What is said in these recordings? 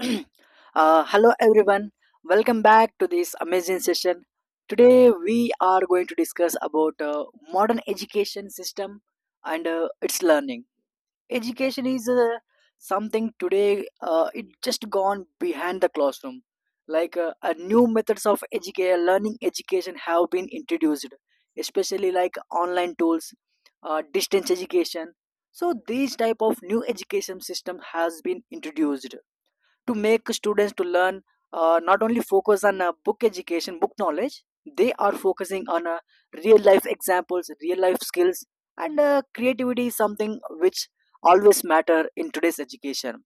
Hello everyone, welcome back to this amazing session. Today we are going to discuss about modern education system and its learning. Education is something today, it just gone behind the classroom. Like a new methods of education learning education have been introduced, especially like online tools, distance education. So these type of new education system has been introduced to make students to learn, not only focus on book education book knowledge. They are focusing on real life examples real life skills. And creativity is something which always matter in today's education.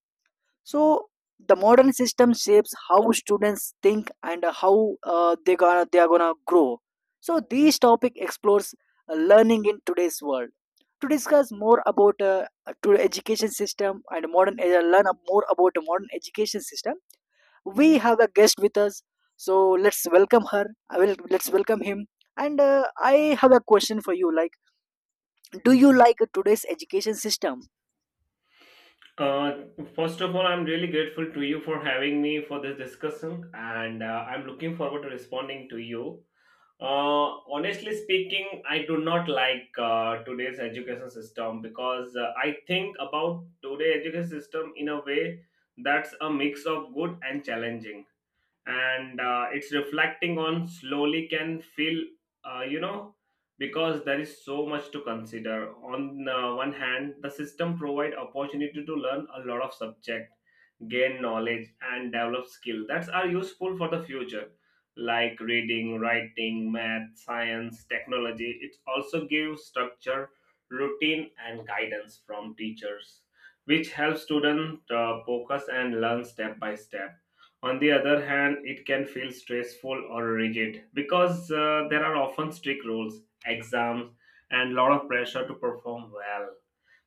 So the modern system shapes how students think and how they are gonna grow. So this topic explores learning in today's world. To discuss more about to education system and modern more about the modern education system, we have a guest with us. So let's welcome him. And I have a question for you. Like, do you like today's education system? Uh, First of all, I'm really grateful to you for having me for this discussion, and I'm looking forward to responding to you. Uh, Honestly speaking, I do not like today's education system because I think about today's education system in a way that's a mix of good and challenging, and it's reflecting on slowly can feel uh, you know because there is so much to consider. On one hand, the system provide opportunity to learn a lot of subject, gain knowledge, and develop skills that are useful for the future, like reading, writing, math, science, technology. It also gives structure, routine, and guidance from teachers, which helps students focus and learn step by step. On the other hand, it can feel stressful or rigid because there are often strict rules, exams, and lot of pressure to perform well,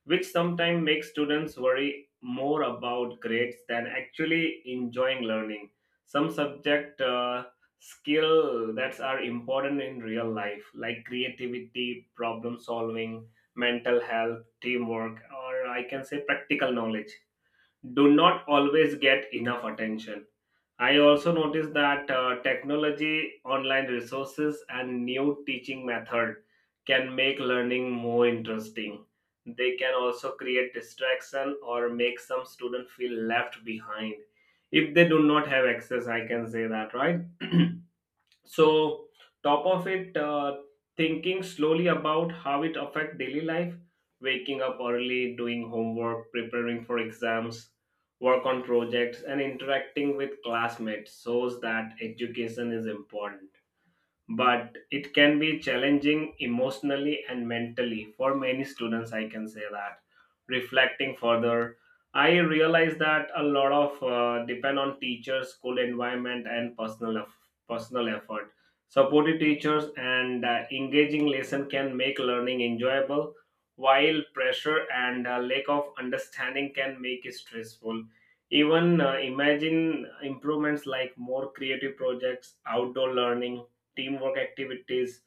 which sometimes makes students worry more about grades than actually enjoying learning. Some subject skill that are important in real life, like creativity, problem solving, mental health, teamwork, or I can say practical knowledge, do not always get enough attention. I also noticed that technology, online resources, and new teaching method can make learning more interesting. They can also create distraction or make some student feel left behind if they do not have access. I can say that, right? So top of it, thinking slowly about how it affect daily life, waking up early, doing homework, preparing for exams, work on projects, and interacting with classmates shows that education is important, but it can be challenging emotionally and mentally for many students. I can say that. Reflecting further, I realize that a lot of depend on teachers, school environment, and personal effort. Supportive teachers and engaging lesson can make learning enjoyable, while pressure and lack of understanding can make it stressful. Even imagine improvements like more creative projects, outdoor learning, teamwork activities,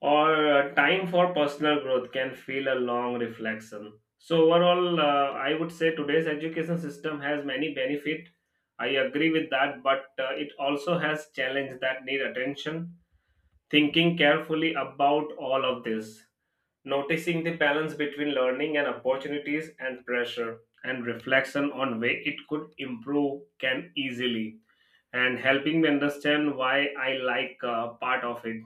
or time for personal growth can feel a long reflection. So overall, I would say today's education system has many benefits. I agree with that, but it also has challenges that need attention. Thinking carefully about all of this, noticing the balance between learning and opportunities and pressure, and reflection on way it could improve can easily and helping me understand why I like part of it,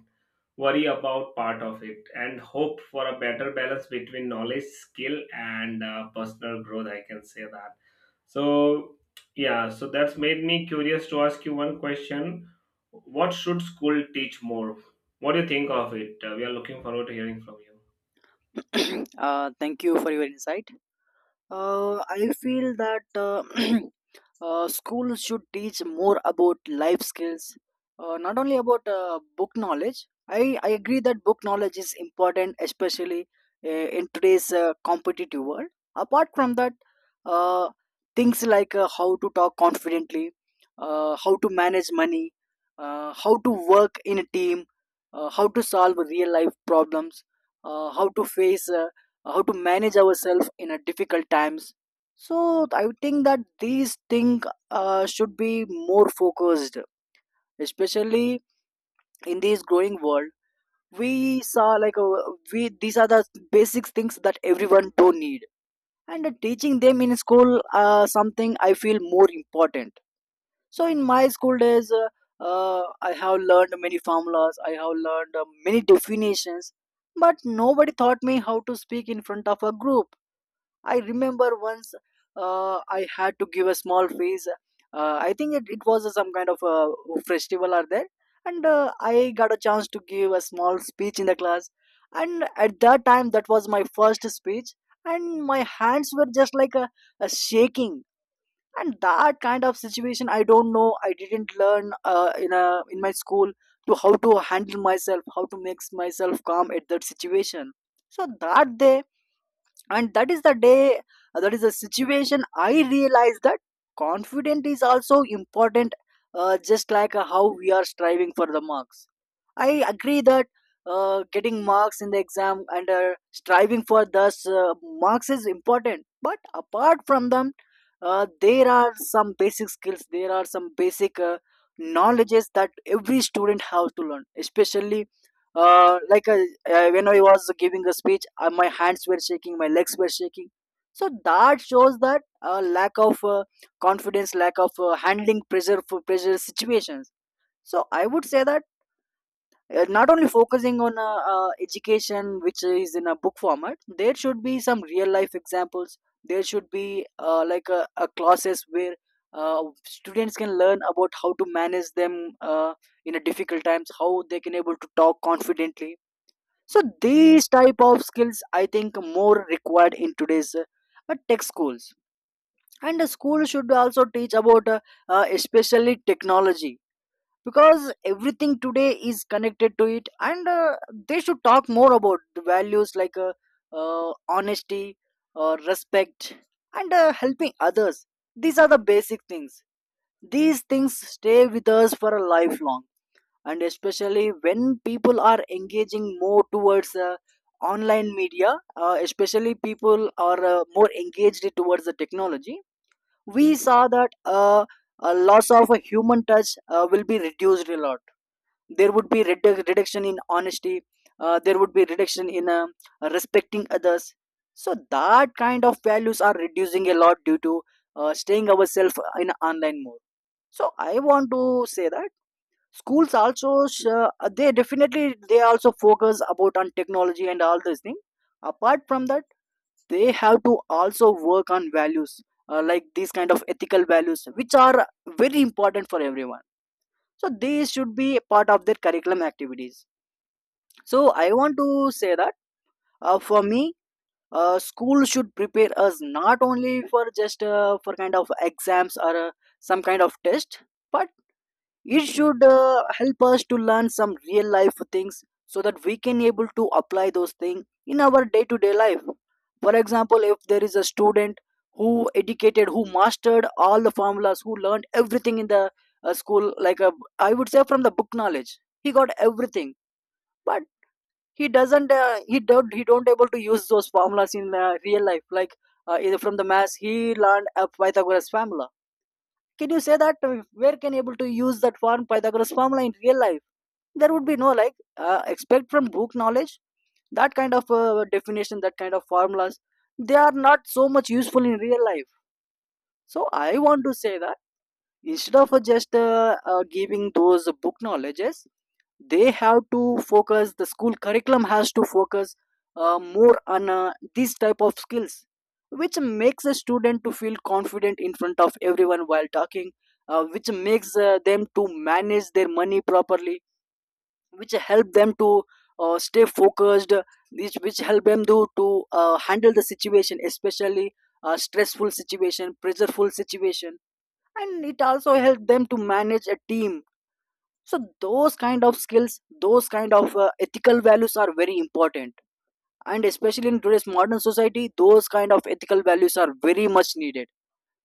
worry about part of it, and hope for a better balance between knowledge, skill, and personal growth. I can say that. So, yeah, so that's made me curious to ask you one question. What should school teach more? What do you think of it? We are looking forward to hearing from you. Thank you for your insight. I feel that schools should teach more about life skills, not only about book knowledge. I agree that book knowledge is important, especially in today's competitive world. Apart from that, uh, things like how to talk confidently, how to manage money, how to work in a team, how to solve real life problems, uh, how to face uh, how to manage ourselves in a difficult times. So I would think that these things should be more focused, especially in this growing world. We saw like uh, we these are the basic things that everyone don't need. And teaching them in school something I feel more important. So in my school days, I have learned many formulas, I have learned many definitions, but nobody taught me how to speak in front of a group. I remember once, I had to give a small face. I think it was some kind of a festival or there. And I got a chance to give a small speech in the class. And at that time, that was my first speech. And my hands were just like a shaking. And that kind of situation, I don't know. I didn't learn in a in my school to how to handle myself, how to make myself calm at that situation. So that is the day, that is the situation I realized that confident is also important, just like how we are striving for the marks. I agree that getting marks in the exam and striving for those marks is important, but apart from them, there are some basic skills, there are some basic knowledges that every student has to learn, especially uh, like uh, when I was giving a speech, my hands were shaking, my legs were shaking. So that shows that lack of confidence, lack of handling pressure for pressure situations. So I would say that not only focusing on education, which is in a book format, there should be some real life examples. There should be a classes where students can learn about how to manage them in a difficult times, how they can able to talk confidently. So these type of skills I think more required in today's tech schools. And the school should also teach about especially technology, because everything today is connected to it. And they should talk more about the values, like uh, honesty, respect, and helping others. These are the basic things. These things stay with us for a lifelong. And especially when people are engaging more towards online media, especially people are more engaged towards the technology, we saw that a loss of a human touch will be reduced a lot. There would be reduction in honesty, there would be reduction in respecting others. So that kind of values are reducing a lot due to staying ourselves in online mode. So I want to say that schools also they definitely they also focus about on technology and all this thing. Apart from that, they have to also work on values, like these kind of ethical values, which are very important for everyone. So they should be a part of their curriculum activities. So I want to say that, for me, school should prepare us not only for just for kind of exams or some kind of test, but it should help us to learn some real life things, so that we can able to apply those things in our day to day life. For example, if there is a student who educated, who mastered all the formulas, who learned everything in the school, I would say from the book knowledge, he got everything, but he don't able to use those formulas in real life. Like either from the mass, he learned a Pythagoras formula. Can you say that where can you able to use that form Pythagoras formula in real life? There would be no, like expect from book knowledge, that kind of definition, that kind of formulas, they are not so much useful in real life. So I want to say that instead of just giving those book knowledges, they have to focus, the school curriculum has to focus more on these type of skills, which makes a student to feel confident in front of everyone while talking, which makes them to manage their money properly, which help them to stay focused, which help them to handle the situation, especially a stressful situation, pressureful situation, and it also help them to manage a team. So those kind of skills, those kind of ethical values are very important. And especially in today's modern society, those kind of ethical values are very much needed,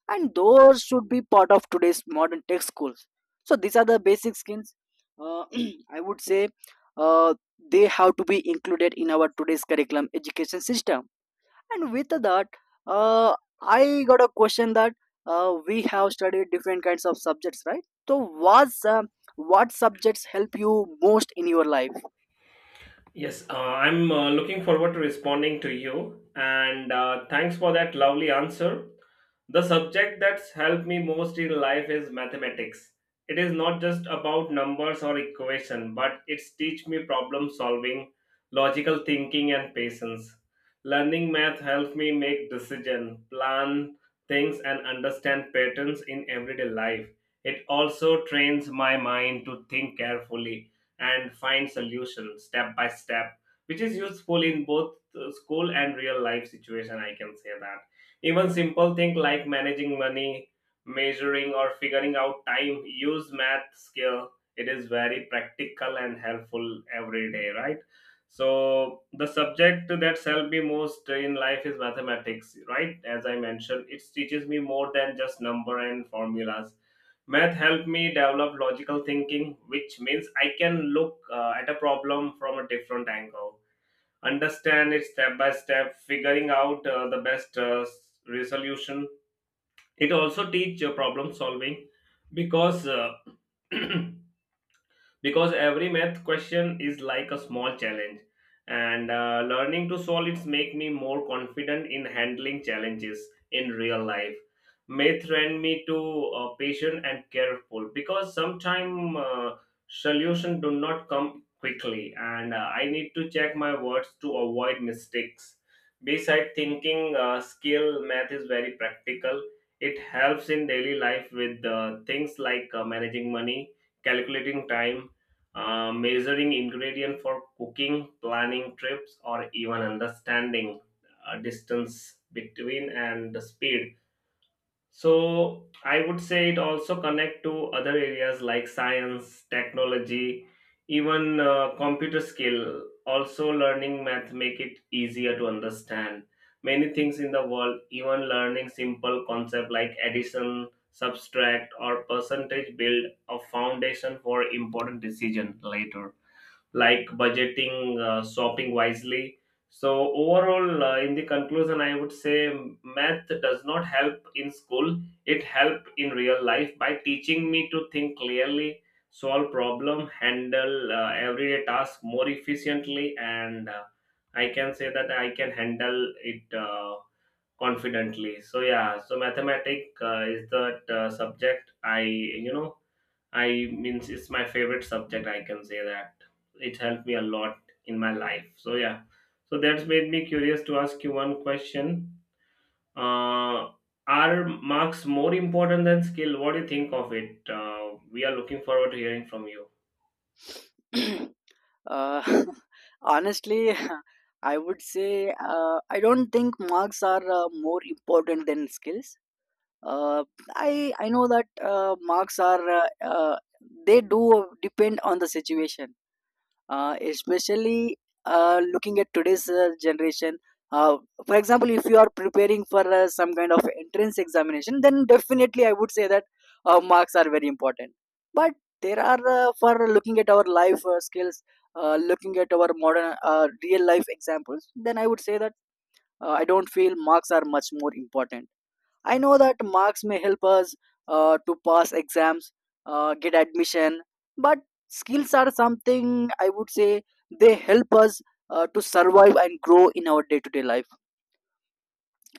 and those should be part of today's modern tech schools. So these are the basic skills, uh, I would say uh, they have to be included in our today's curriculum education system. And with that, uh, I got a question that, we have studied different kinds of subjects, right? So, was what subjects help you most in your life? Yes, I'm looking forward to responding to you, and thanks for that lovely answer. The subject that's helped me most in life is mathematics. It is not just about numbers or equation, but it's teach me problem solving, logical thinking, and patience. Learning math helps me make decision, plan things, and understand patterns in everyday life. It also trains my mind to think carefully and find solutions step by step, which is useful in both school and real life situation. I can say that. Even simple things like managing money, measuring, or figuring out time use math skill. It is very practical and helpful every day, right? So the subject that helped me most in life is mathematics, right? As I mentioned, it teaches me more than just number and formulas. Math helped me develop logical thinking, which means I can look at a problem from a different angle, understand it step by step, figuring out the best resolution. It also teach problem solving because because every math question is like a small challenge, and learning to solve it make me more confident in handling challenges in real life. Math train me to patient and careful because sometimes solution do not come quickly, and I need to check my words to avoid mistakes. Beside thinking skill, math is very practical. It helps in daily life with things like managing money, calculating time, measuring ingredient for cooking, planning trips, or even understanding distance between and the speed. So I would say it also connect to other areas like science, technology, even computer skill. Also, learning math make it easier to understand many things in the world. Even learning simple concept like addition, subtract, or percentage build a foundation for important decision later, like budgeting, shopping wisely. So overall, in the conclusion, I would say math does not help in school, it help in real life by teaching me to think clearly, solve problem, handle everyday task more efficiently, and I can say that I can handle it confidently. So yeah, so mathematic is the subject I I means, it's my favorite subject. I can say that. It helped me a lot in my life. So yeah, so that's made me curious to ask you one question. Uh, are marks more important than skill? What do you think of it? We are looking forward to hearing from you. uh, Honestly, I would say I don't think marks are more important than skills. Uh, I know that marks are they do depend on the situation, especially looking at today's generation. uh, for example, if you are preparing for some kind of entrance examination, then definitely I would say that marks are very important. But there are for looking at our life skills, looking at our modern real life examples, then I would say that I don't feel marks are much more important. I know that marks may help us to pass exams, get admission, but skills are something, I would say they help us to survive and grow in our day to day life.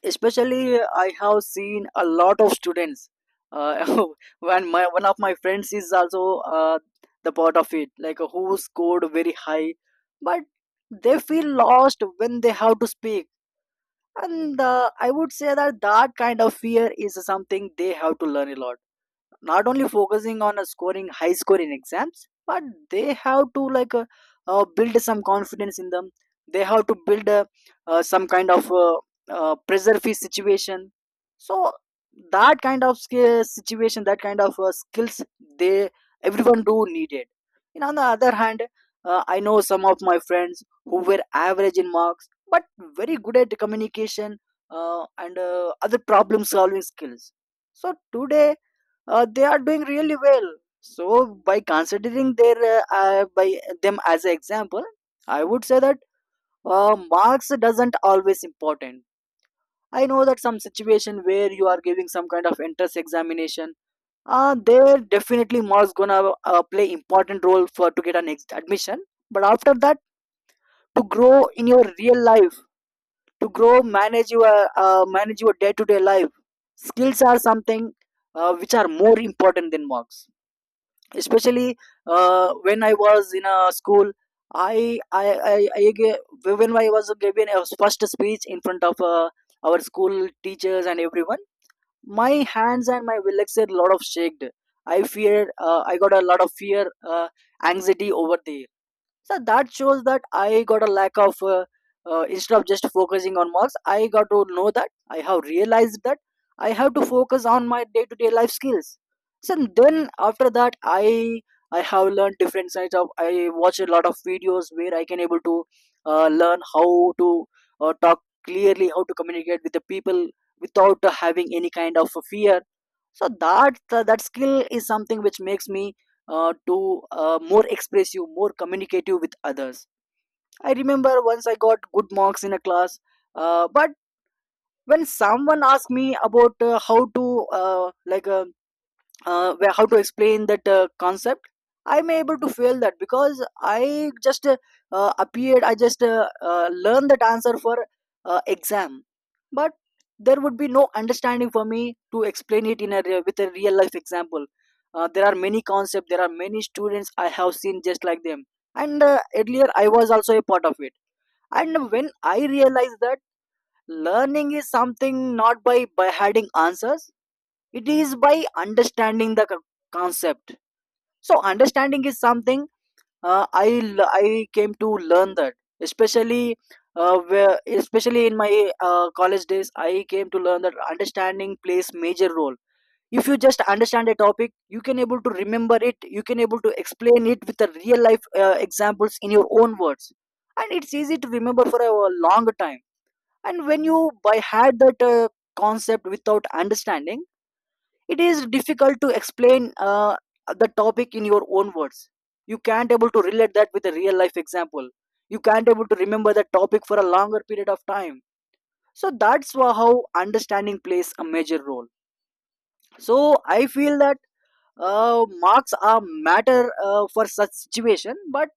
Especially, I have seen a lot of students. Uh, when my one of my friends is also the part of it, like who scored very high, but they feel lost when they have to speak and I would say that that kind of fear is something they have to learn a lot, not only focusing on scoring high score in exams, but they have to like build some confidence in them. They have to build some kind of pressure free situation. So that kind of skill situation, that kind of skills they everyone do needed. And on the other hand, I know some of my friends who were average in marks but very good at communication and other problem solving skills. So today they are doing really well. So by considering their by them as an example, I would say that marks doesn't always important. I know that some situation where you are giving some kind of entrance examination, there definitely marks gonna play important role for to get an admission. But after that, to grow in your real life, to grow manage your day to day life, skills are something which are more important than marks. Especially when I was in a school, i i when I was giving a first speech in front of our school teachers and everyone, my hands and my legs are a lot of shaked. I fear, I got a lot of fear, anxiety over there. So that shows that I got a lack of instead of just focusing on marks, I got to know that, I have realized that I have to focus on my day to day life skills. So then after that, I have learned different sides of, I watch a lot of videos where I can able to learn how to talk clearly, how to communicate with the people without having any kind of fear. So that that skill is something which makes me to more expressive, more communicative with others. I remember once I got good marks in a class, but when someone asked me about how to uh, like uh, how to explain that concept, I'm able to feel that because I just appeared, I just learned that answer for exam. But there would be no understanding for me to explain it in a with a real life example. There are many concepts, there are many students I have seen just like them, and earlier I was also a part of it. And when I realized that learning is something not by hiding answers, it is by understanding the concept. So understanding is something I l- I came to learn that. Especially especially in my college days, I came to learn that understanding plays major role. If you just understand a topic, you can able to remember it, you can able to explain it with the real life examples in your own words, and it's easy to remember for a long time. And when you by had that concept without understanding, it is difficult to explain the topic in your own words. You can't able to relate that with a real life example. You can't able to remember the topic for a longer period of time. So that's how understanding plays a major role. So I feel that marks are matter for such situation, but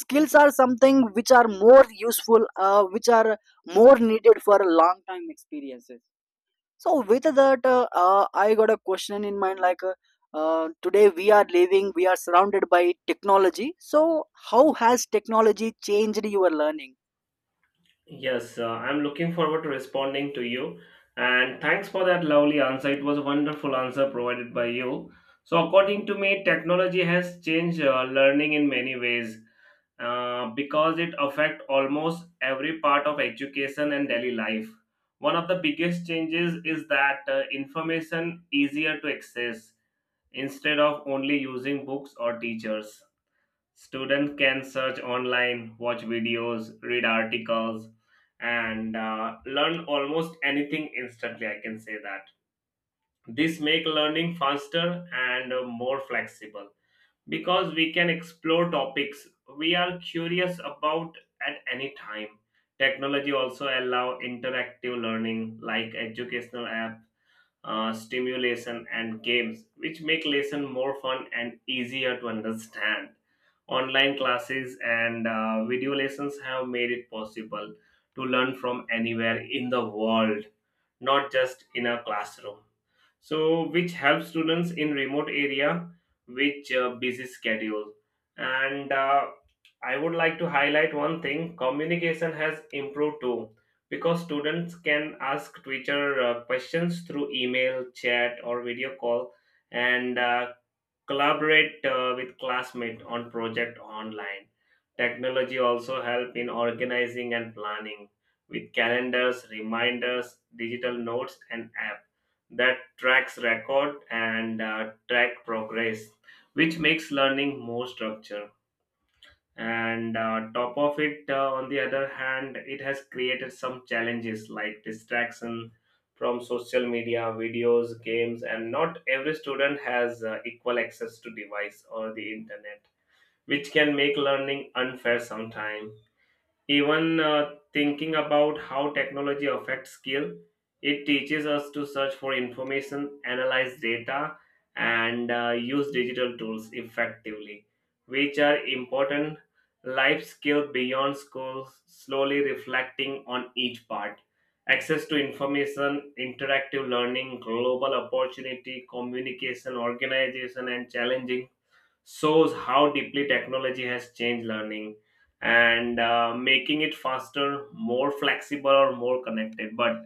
skills are something which are more useful, which are more needed for a long time experiences. So with that, I got a question in mind. Today, we are living, we are surrounded by technology. So how has technology changed your learning? Yes, I'm looking forward to responding to you. And thanks for that lovely answer. It was a wonderful answer provided by you. So according to me, technology has changed learning in many ways because it affects almost every part of education and daily life. One of the biggest changes is that information easier to access instead of only using books or teachers. Student can search online, watch videos, read articles, and learn almost anything instantly. I can say that this make learning faster and more flexible because we can explore topics we are curious about at any time. Technology also allow interactive learning like educational app, stimulation, and games, which make lesson more fun and easier to understand. Online classes and video lessons have made it possible to learn from anywhere in the world, not just in a classroom, so which helps students in remote area, which busy schedule. And I would like to highlight one thing: communication has improved too, because students can ask teacher questions through email, chat, or video call, and collaborate with classmates on project online. Technology also help in organizing and planning with calendars, reminders, digital notes, and app that tracks record and track progress, which makes learning more structured. And top of it, on the other hand, it has created some challenges like distraction from social media, videos, games, and not every student has equal access to device or the internet, which can make learning unfair sometimes. Even thinking about how technology affects skill, it teaches us to search for information, analyze data, and use digital tools effectively, which are important life skill beyond school, slowly reflecting on each part. Access to information, interactive learning, global opportunity, communication, organization, and challenging shows how deeply technology has changed learning and making it faster, more flexible, or more connected, but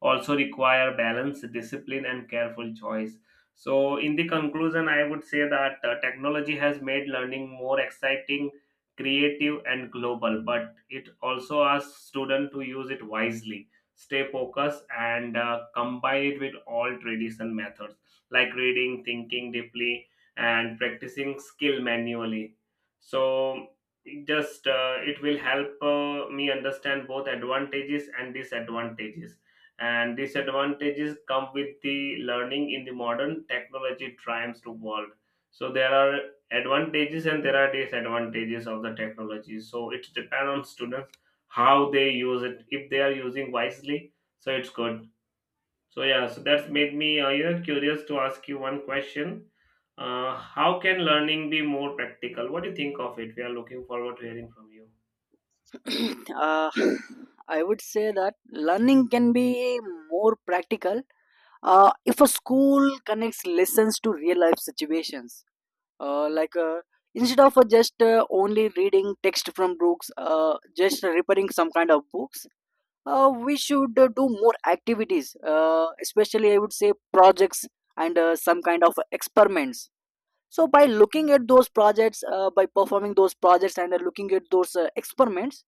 also require balance, discipline, and careful choice. So in the conclusion, I would say that technology has made learning more exciting, creative, and global, but it also asks students to use it wisely, stay focused, and combine it with all tradition methods like reading, thinking deeply, and practicing skill manually. So it just it will help me understand both advantages and disadvantages come with the learning in the modern technology triumphs to world. So there are advantages and there are disadvantages of the technology, so it depends on students how they use it. If they are using wisely, so it's good. So yeah, so that's made me curious to ask you one question. How can learning be more practical? What do you think of it? We are looking forward to hearing from you. uh, I would say that learning can be more practical if a school connects lessons to real life situations, uh, like uh, instead of just only reading text from books, just repairing some kind of books, we should do more activities. Especially I would say projects and some kind of experiments. So by looking at those projects, by performing those projects and looking at those experiments,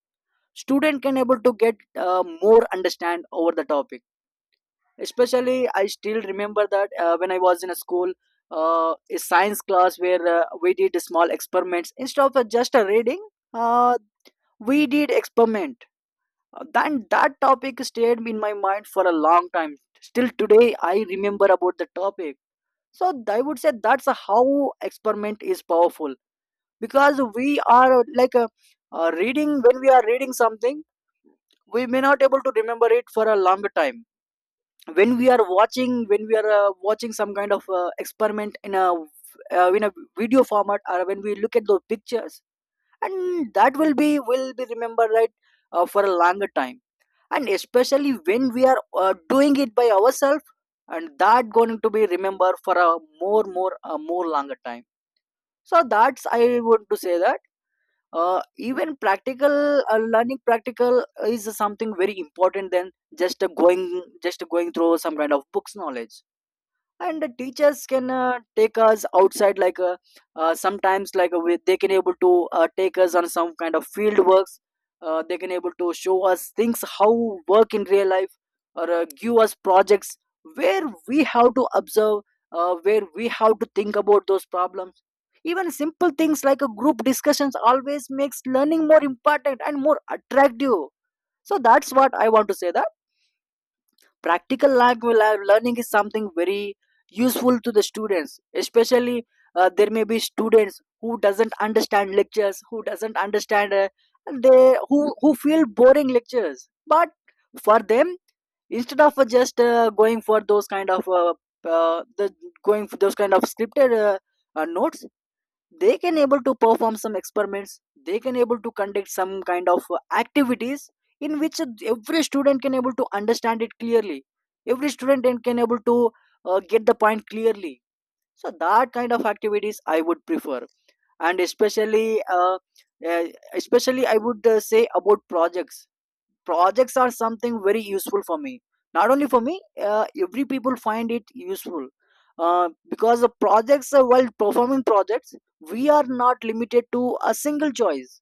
student can able to get more understand over the topic. Especially I still remember that when I was in a school, a science class where we did small experiments instead of just a reading. uh, we did experiment. Then that topic stayed in my mind for a long time. Still today, I remember about the topic. So I would say that's how experiment is powerful, because we are like reading when we are reading something, we may not able to remember it for a longer time. When we are watching, when we are watching some kind of experiment in a uh, in a video format, or when we look at those pictures, and that will be remembered right for a longer time. And especially when we are doing it by ourselves, and that going to be remembered for a more longer time. So that's I want to say that uh, even practical learning practical is something very important than just going just going through some kind of books knowledge. And the teachers can take us outside, like sometimes they can able to take us on some kind of field works. They can able to show us things how work in real life, or give us projects where we have to observe, where we have to think about those problems. Even simple things like a group discussions always makes learning more important and more attractive. So that's what I want to say, that practical language learning is something very useful to the students. Especially there may be students who doesn't understand lectures, who doesn't understand and they who feel boring lectures. But for them, instead of just going for those kind of the going for those kind of scripted notes, they can able to perform some experiments, they can able to conduct some kind of activities, in which every student can able to understand it clearly, every student can able to get the point clearly. So that kind of activities I would prefer. And especially, uh, uh, especially I would say about projects. Projects are something very useful for me, not only for me. Every people find it useful, because the projects, while performing projects, we are not limited to a single choice.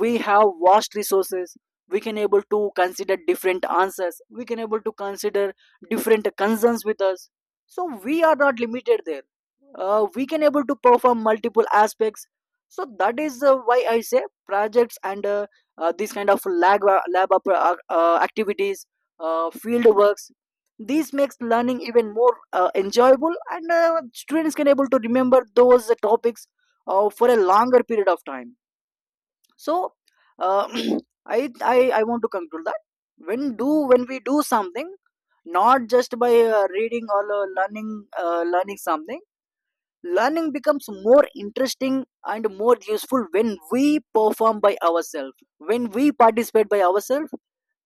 We have vast resources. We can able to consider different answers, we can able to consider different concerns with us. So we are not limited there. We can able to perform multiple aspects. So that is why I say projects and this kind of lab activities, field works. This makes learning even more enjoyable, and students can able to remember those topics for a longer period of time. So uh, I, I want to conclude that when we do something, not just by reading or learning something, learning becomes more interesting and more useful when we perform by ourselves, when we participate by ourselves.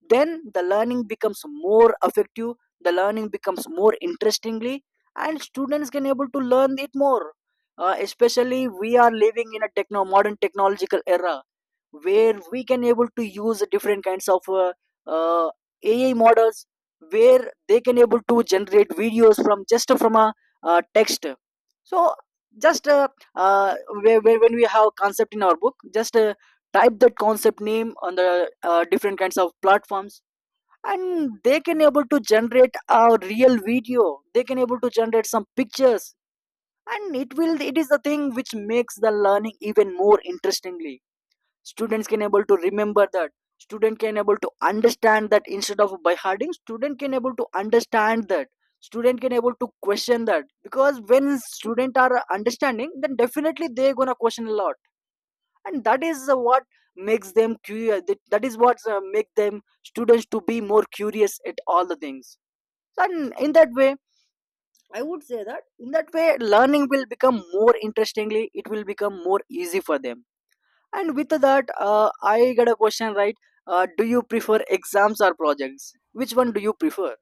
Then the learning becomes more effective, the learning becomes more interestingly, and students can able to learn it more. Especially we are living in a techno modern technological era, where we can able to use different kinds of uh, AI models, where they can able to generate videos from just from a text. So just uh, uh, when we have concept in our book, just type that concept name on the different kinds of platforms, and they can able to generate a real video, they can able to generate some pictures. And it is the thing which makes the learning even more interestingly. Students can able to remember that, student can able to understand that instead of by harding, student can able to understand that, student can able to question that, because when student are understanding, then definitely they gonna question a lot. And that is what makes them curious. That is what make them students to be more curious at all the things. And in that way, I would say that in that way learning will become more interestingly, it will become more easy for them. And with that, I got a question, right? Do you prefer exams or projects? Which one do you prefer?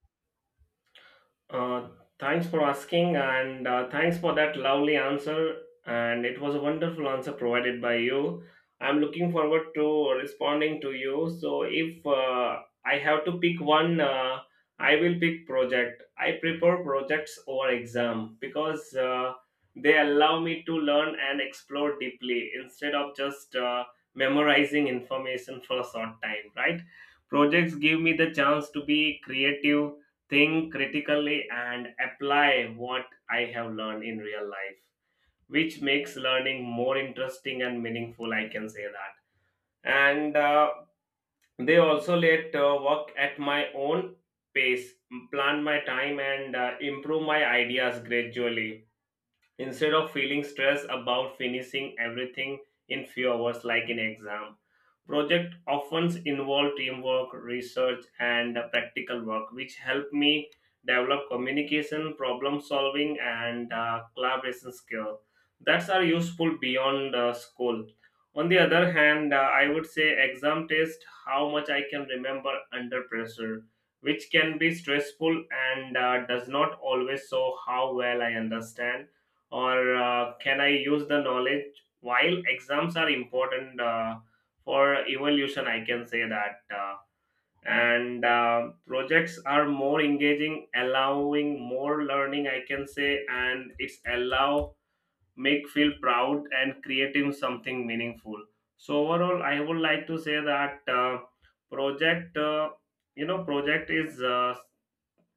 Uh, Thanks for asking, and thanks for that lovely answer. And it was a wonderful answer provided by you. I'm looking forward to responding to you. So if I have to pick one, I will pick project. I prefer projects over exam because they allow me to learn and explore deeply instead of just memorizing information for a short time, right? Projects give me the chance to be creative, think critically, and apply what I have learned in real life, which makes learning more interesting and meaningful. I can say that. And they also let work at my own pace, plan my time, and improve my ideas gradually instead of feeling stressed about finishing everything in few hours like in exam. Project often involve teamwork, research, and practical work, which help me develop communication, problem solving, and collaboration skill that are useful beyond school. On the other hand, I would say exam test how much I can remember under pressure, which can be stressful and does not always show how well I understand or can I use the knowledge. While exams are important for evolution, I can say that. And projects are more engaging, allowing more learning, I can say, and it's allow make feel proud and creating something meaningful. So overall, I would like to say that project project is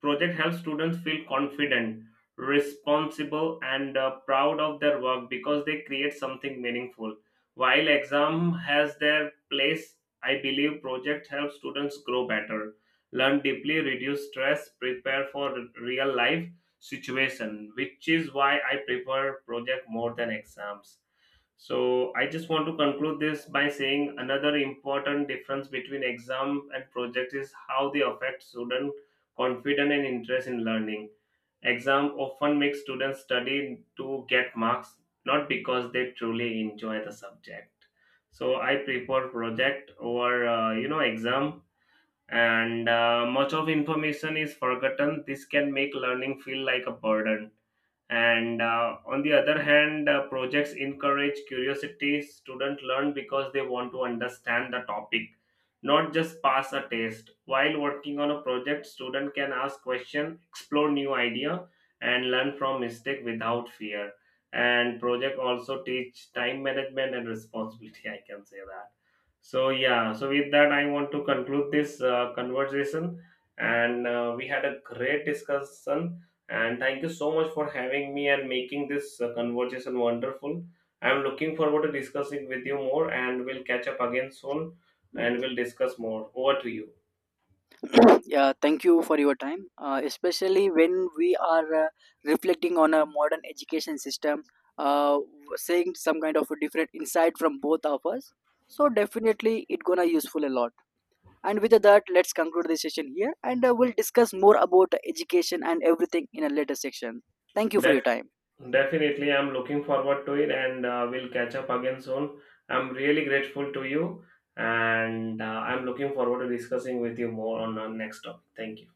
project helps students feel confident, responsible, and proud of their work because they create something meaningful. While exam has their place, I believe project helps students grow better, learn deeply, reduce stress, prepare for real life situation, which is why I prefer project more than exams. So I just want to conclude this by saying another important difference between exam and project is how they affect student confident and interest in learning. Exam often make students study to get marks, not because they truly enjoy the subject. So I prefer project over exam, and much of information is forgotten. This can make learning feel like a burden. And on the other hand, projects encourage curiosity. Students learn because they want to understand the topic, not just pass a test. While working on a project, student can ask questions, explore new idea, and learn from mistake without fear. And project also teach time management and responsibility. I can say that. So yeah, so with that, I want to conclude this conversation, and we had a great discussion. And thank you so much for having me and making this conversation wonderful. I'm looking forward to discussing with you more, and we'll catch up again soon, and we'll discuss more. Over to you. Yeah, thank you for your time. Especially when we are reflecting on a modern education system, uh, saying some kind of a different insight from both of us. So definitely, it gonna useful a lot. And with that, let's conclude this session here, and we'll discuss more about education and everything in a later section. Thank you for your Def- time. Definitely, I'm looking forward to it, and we'll catch up again soon. I'm really grateful to you, and I'm looking forward to discussing with you more on our next topic. Thank you.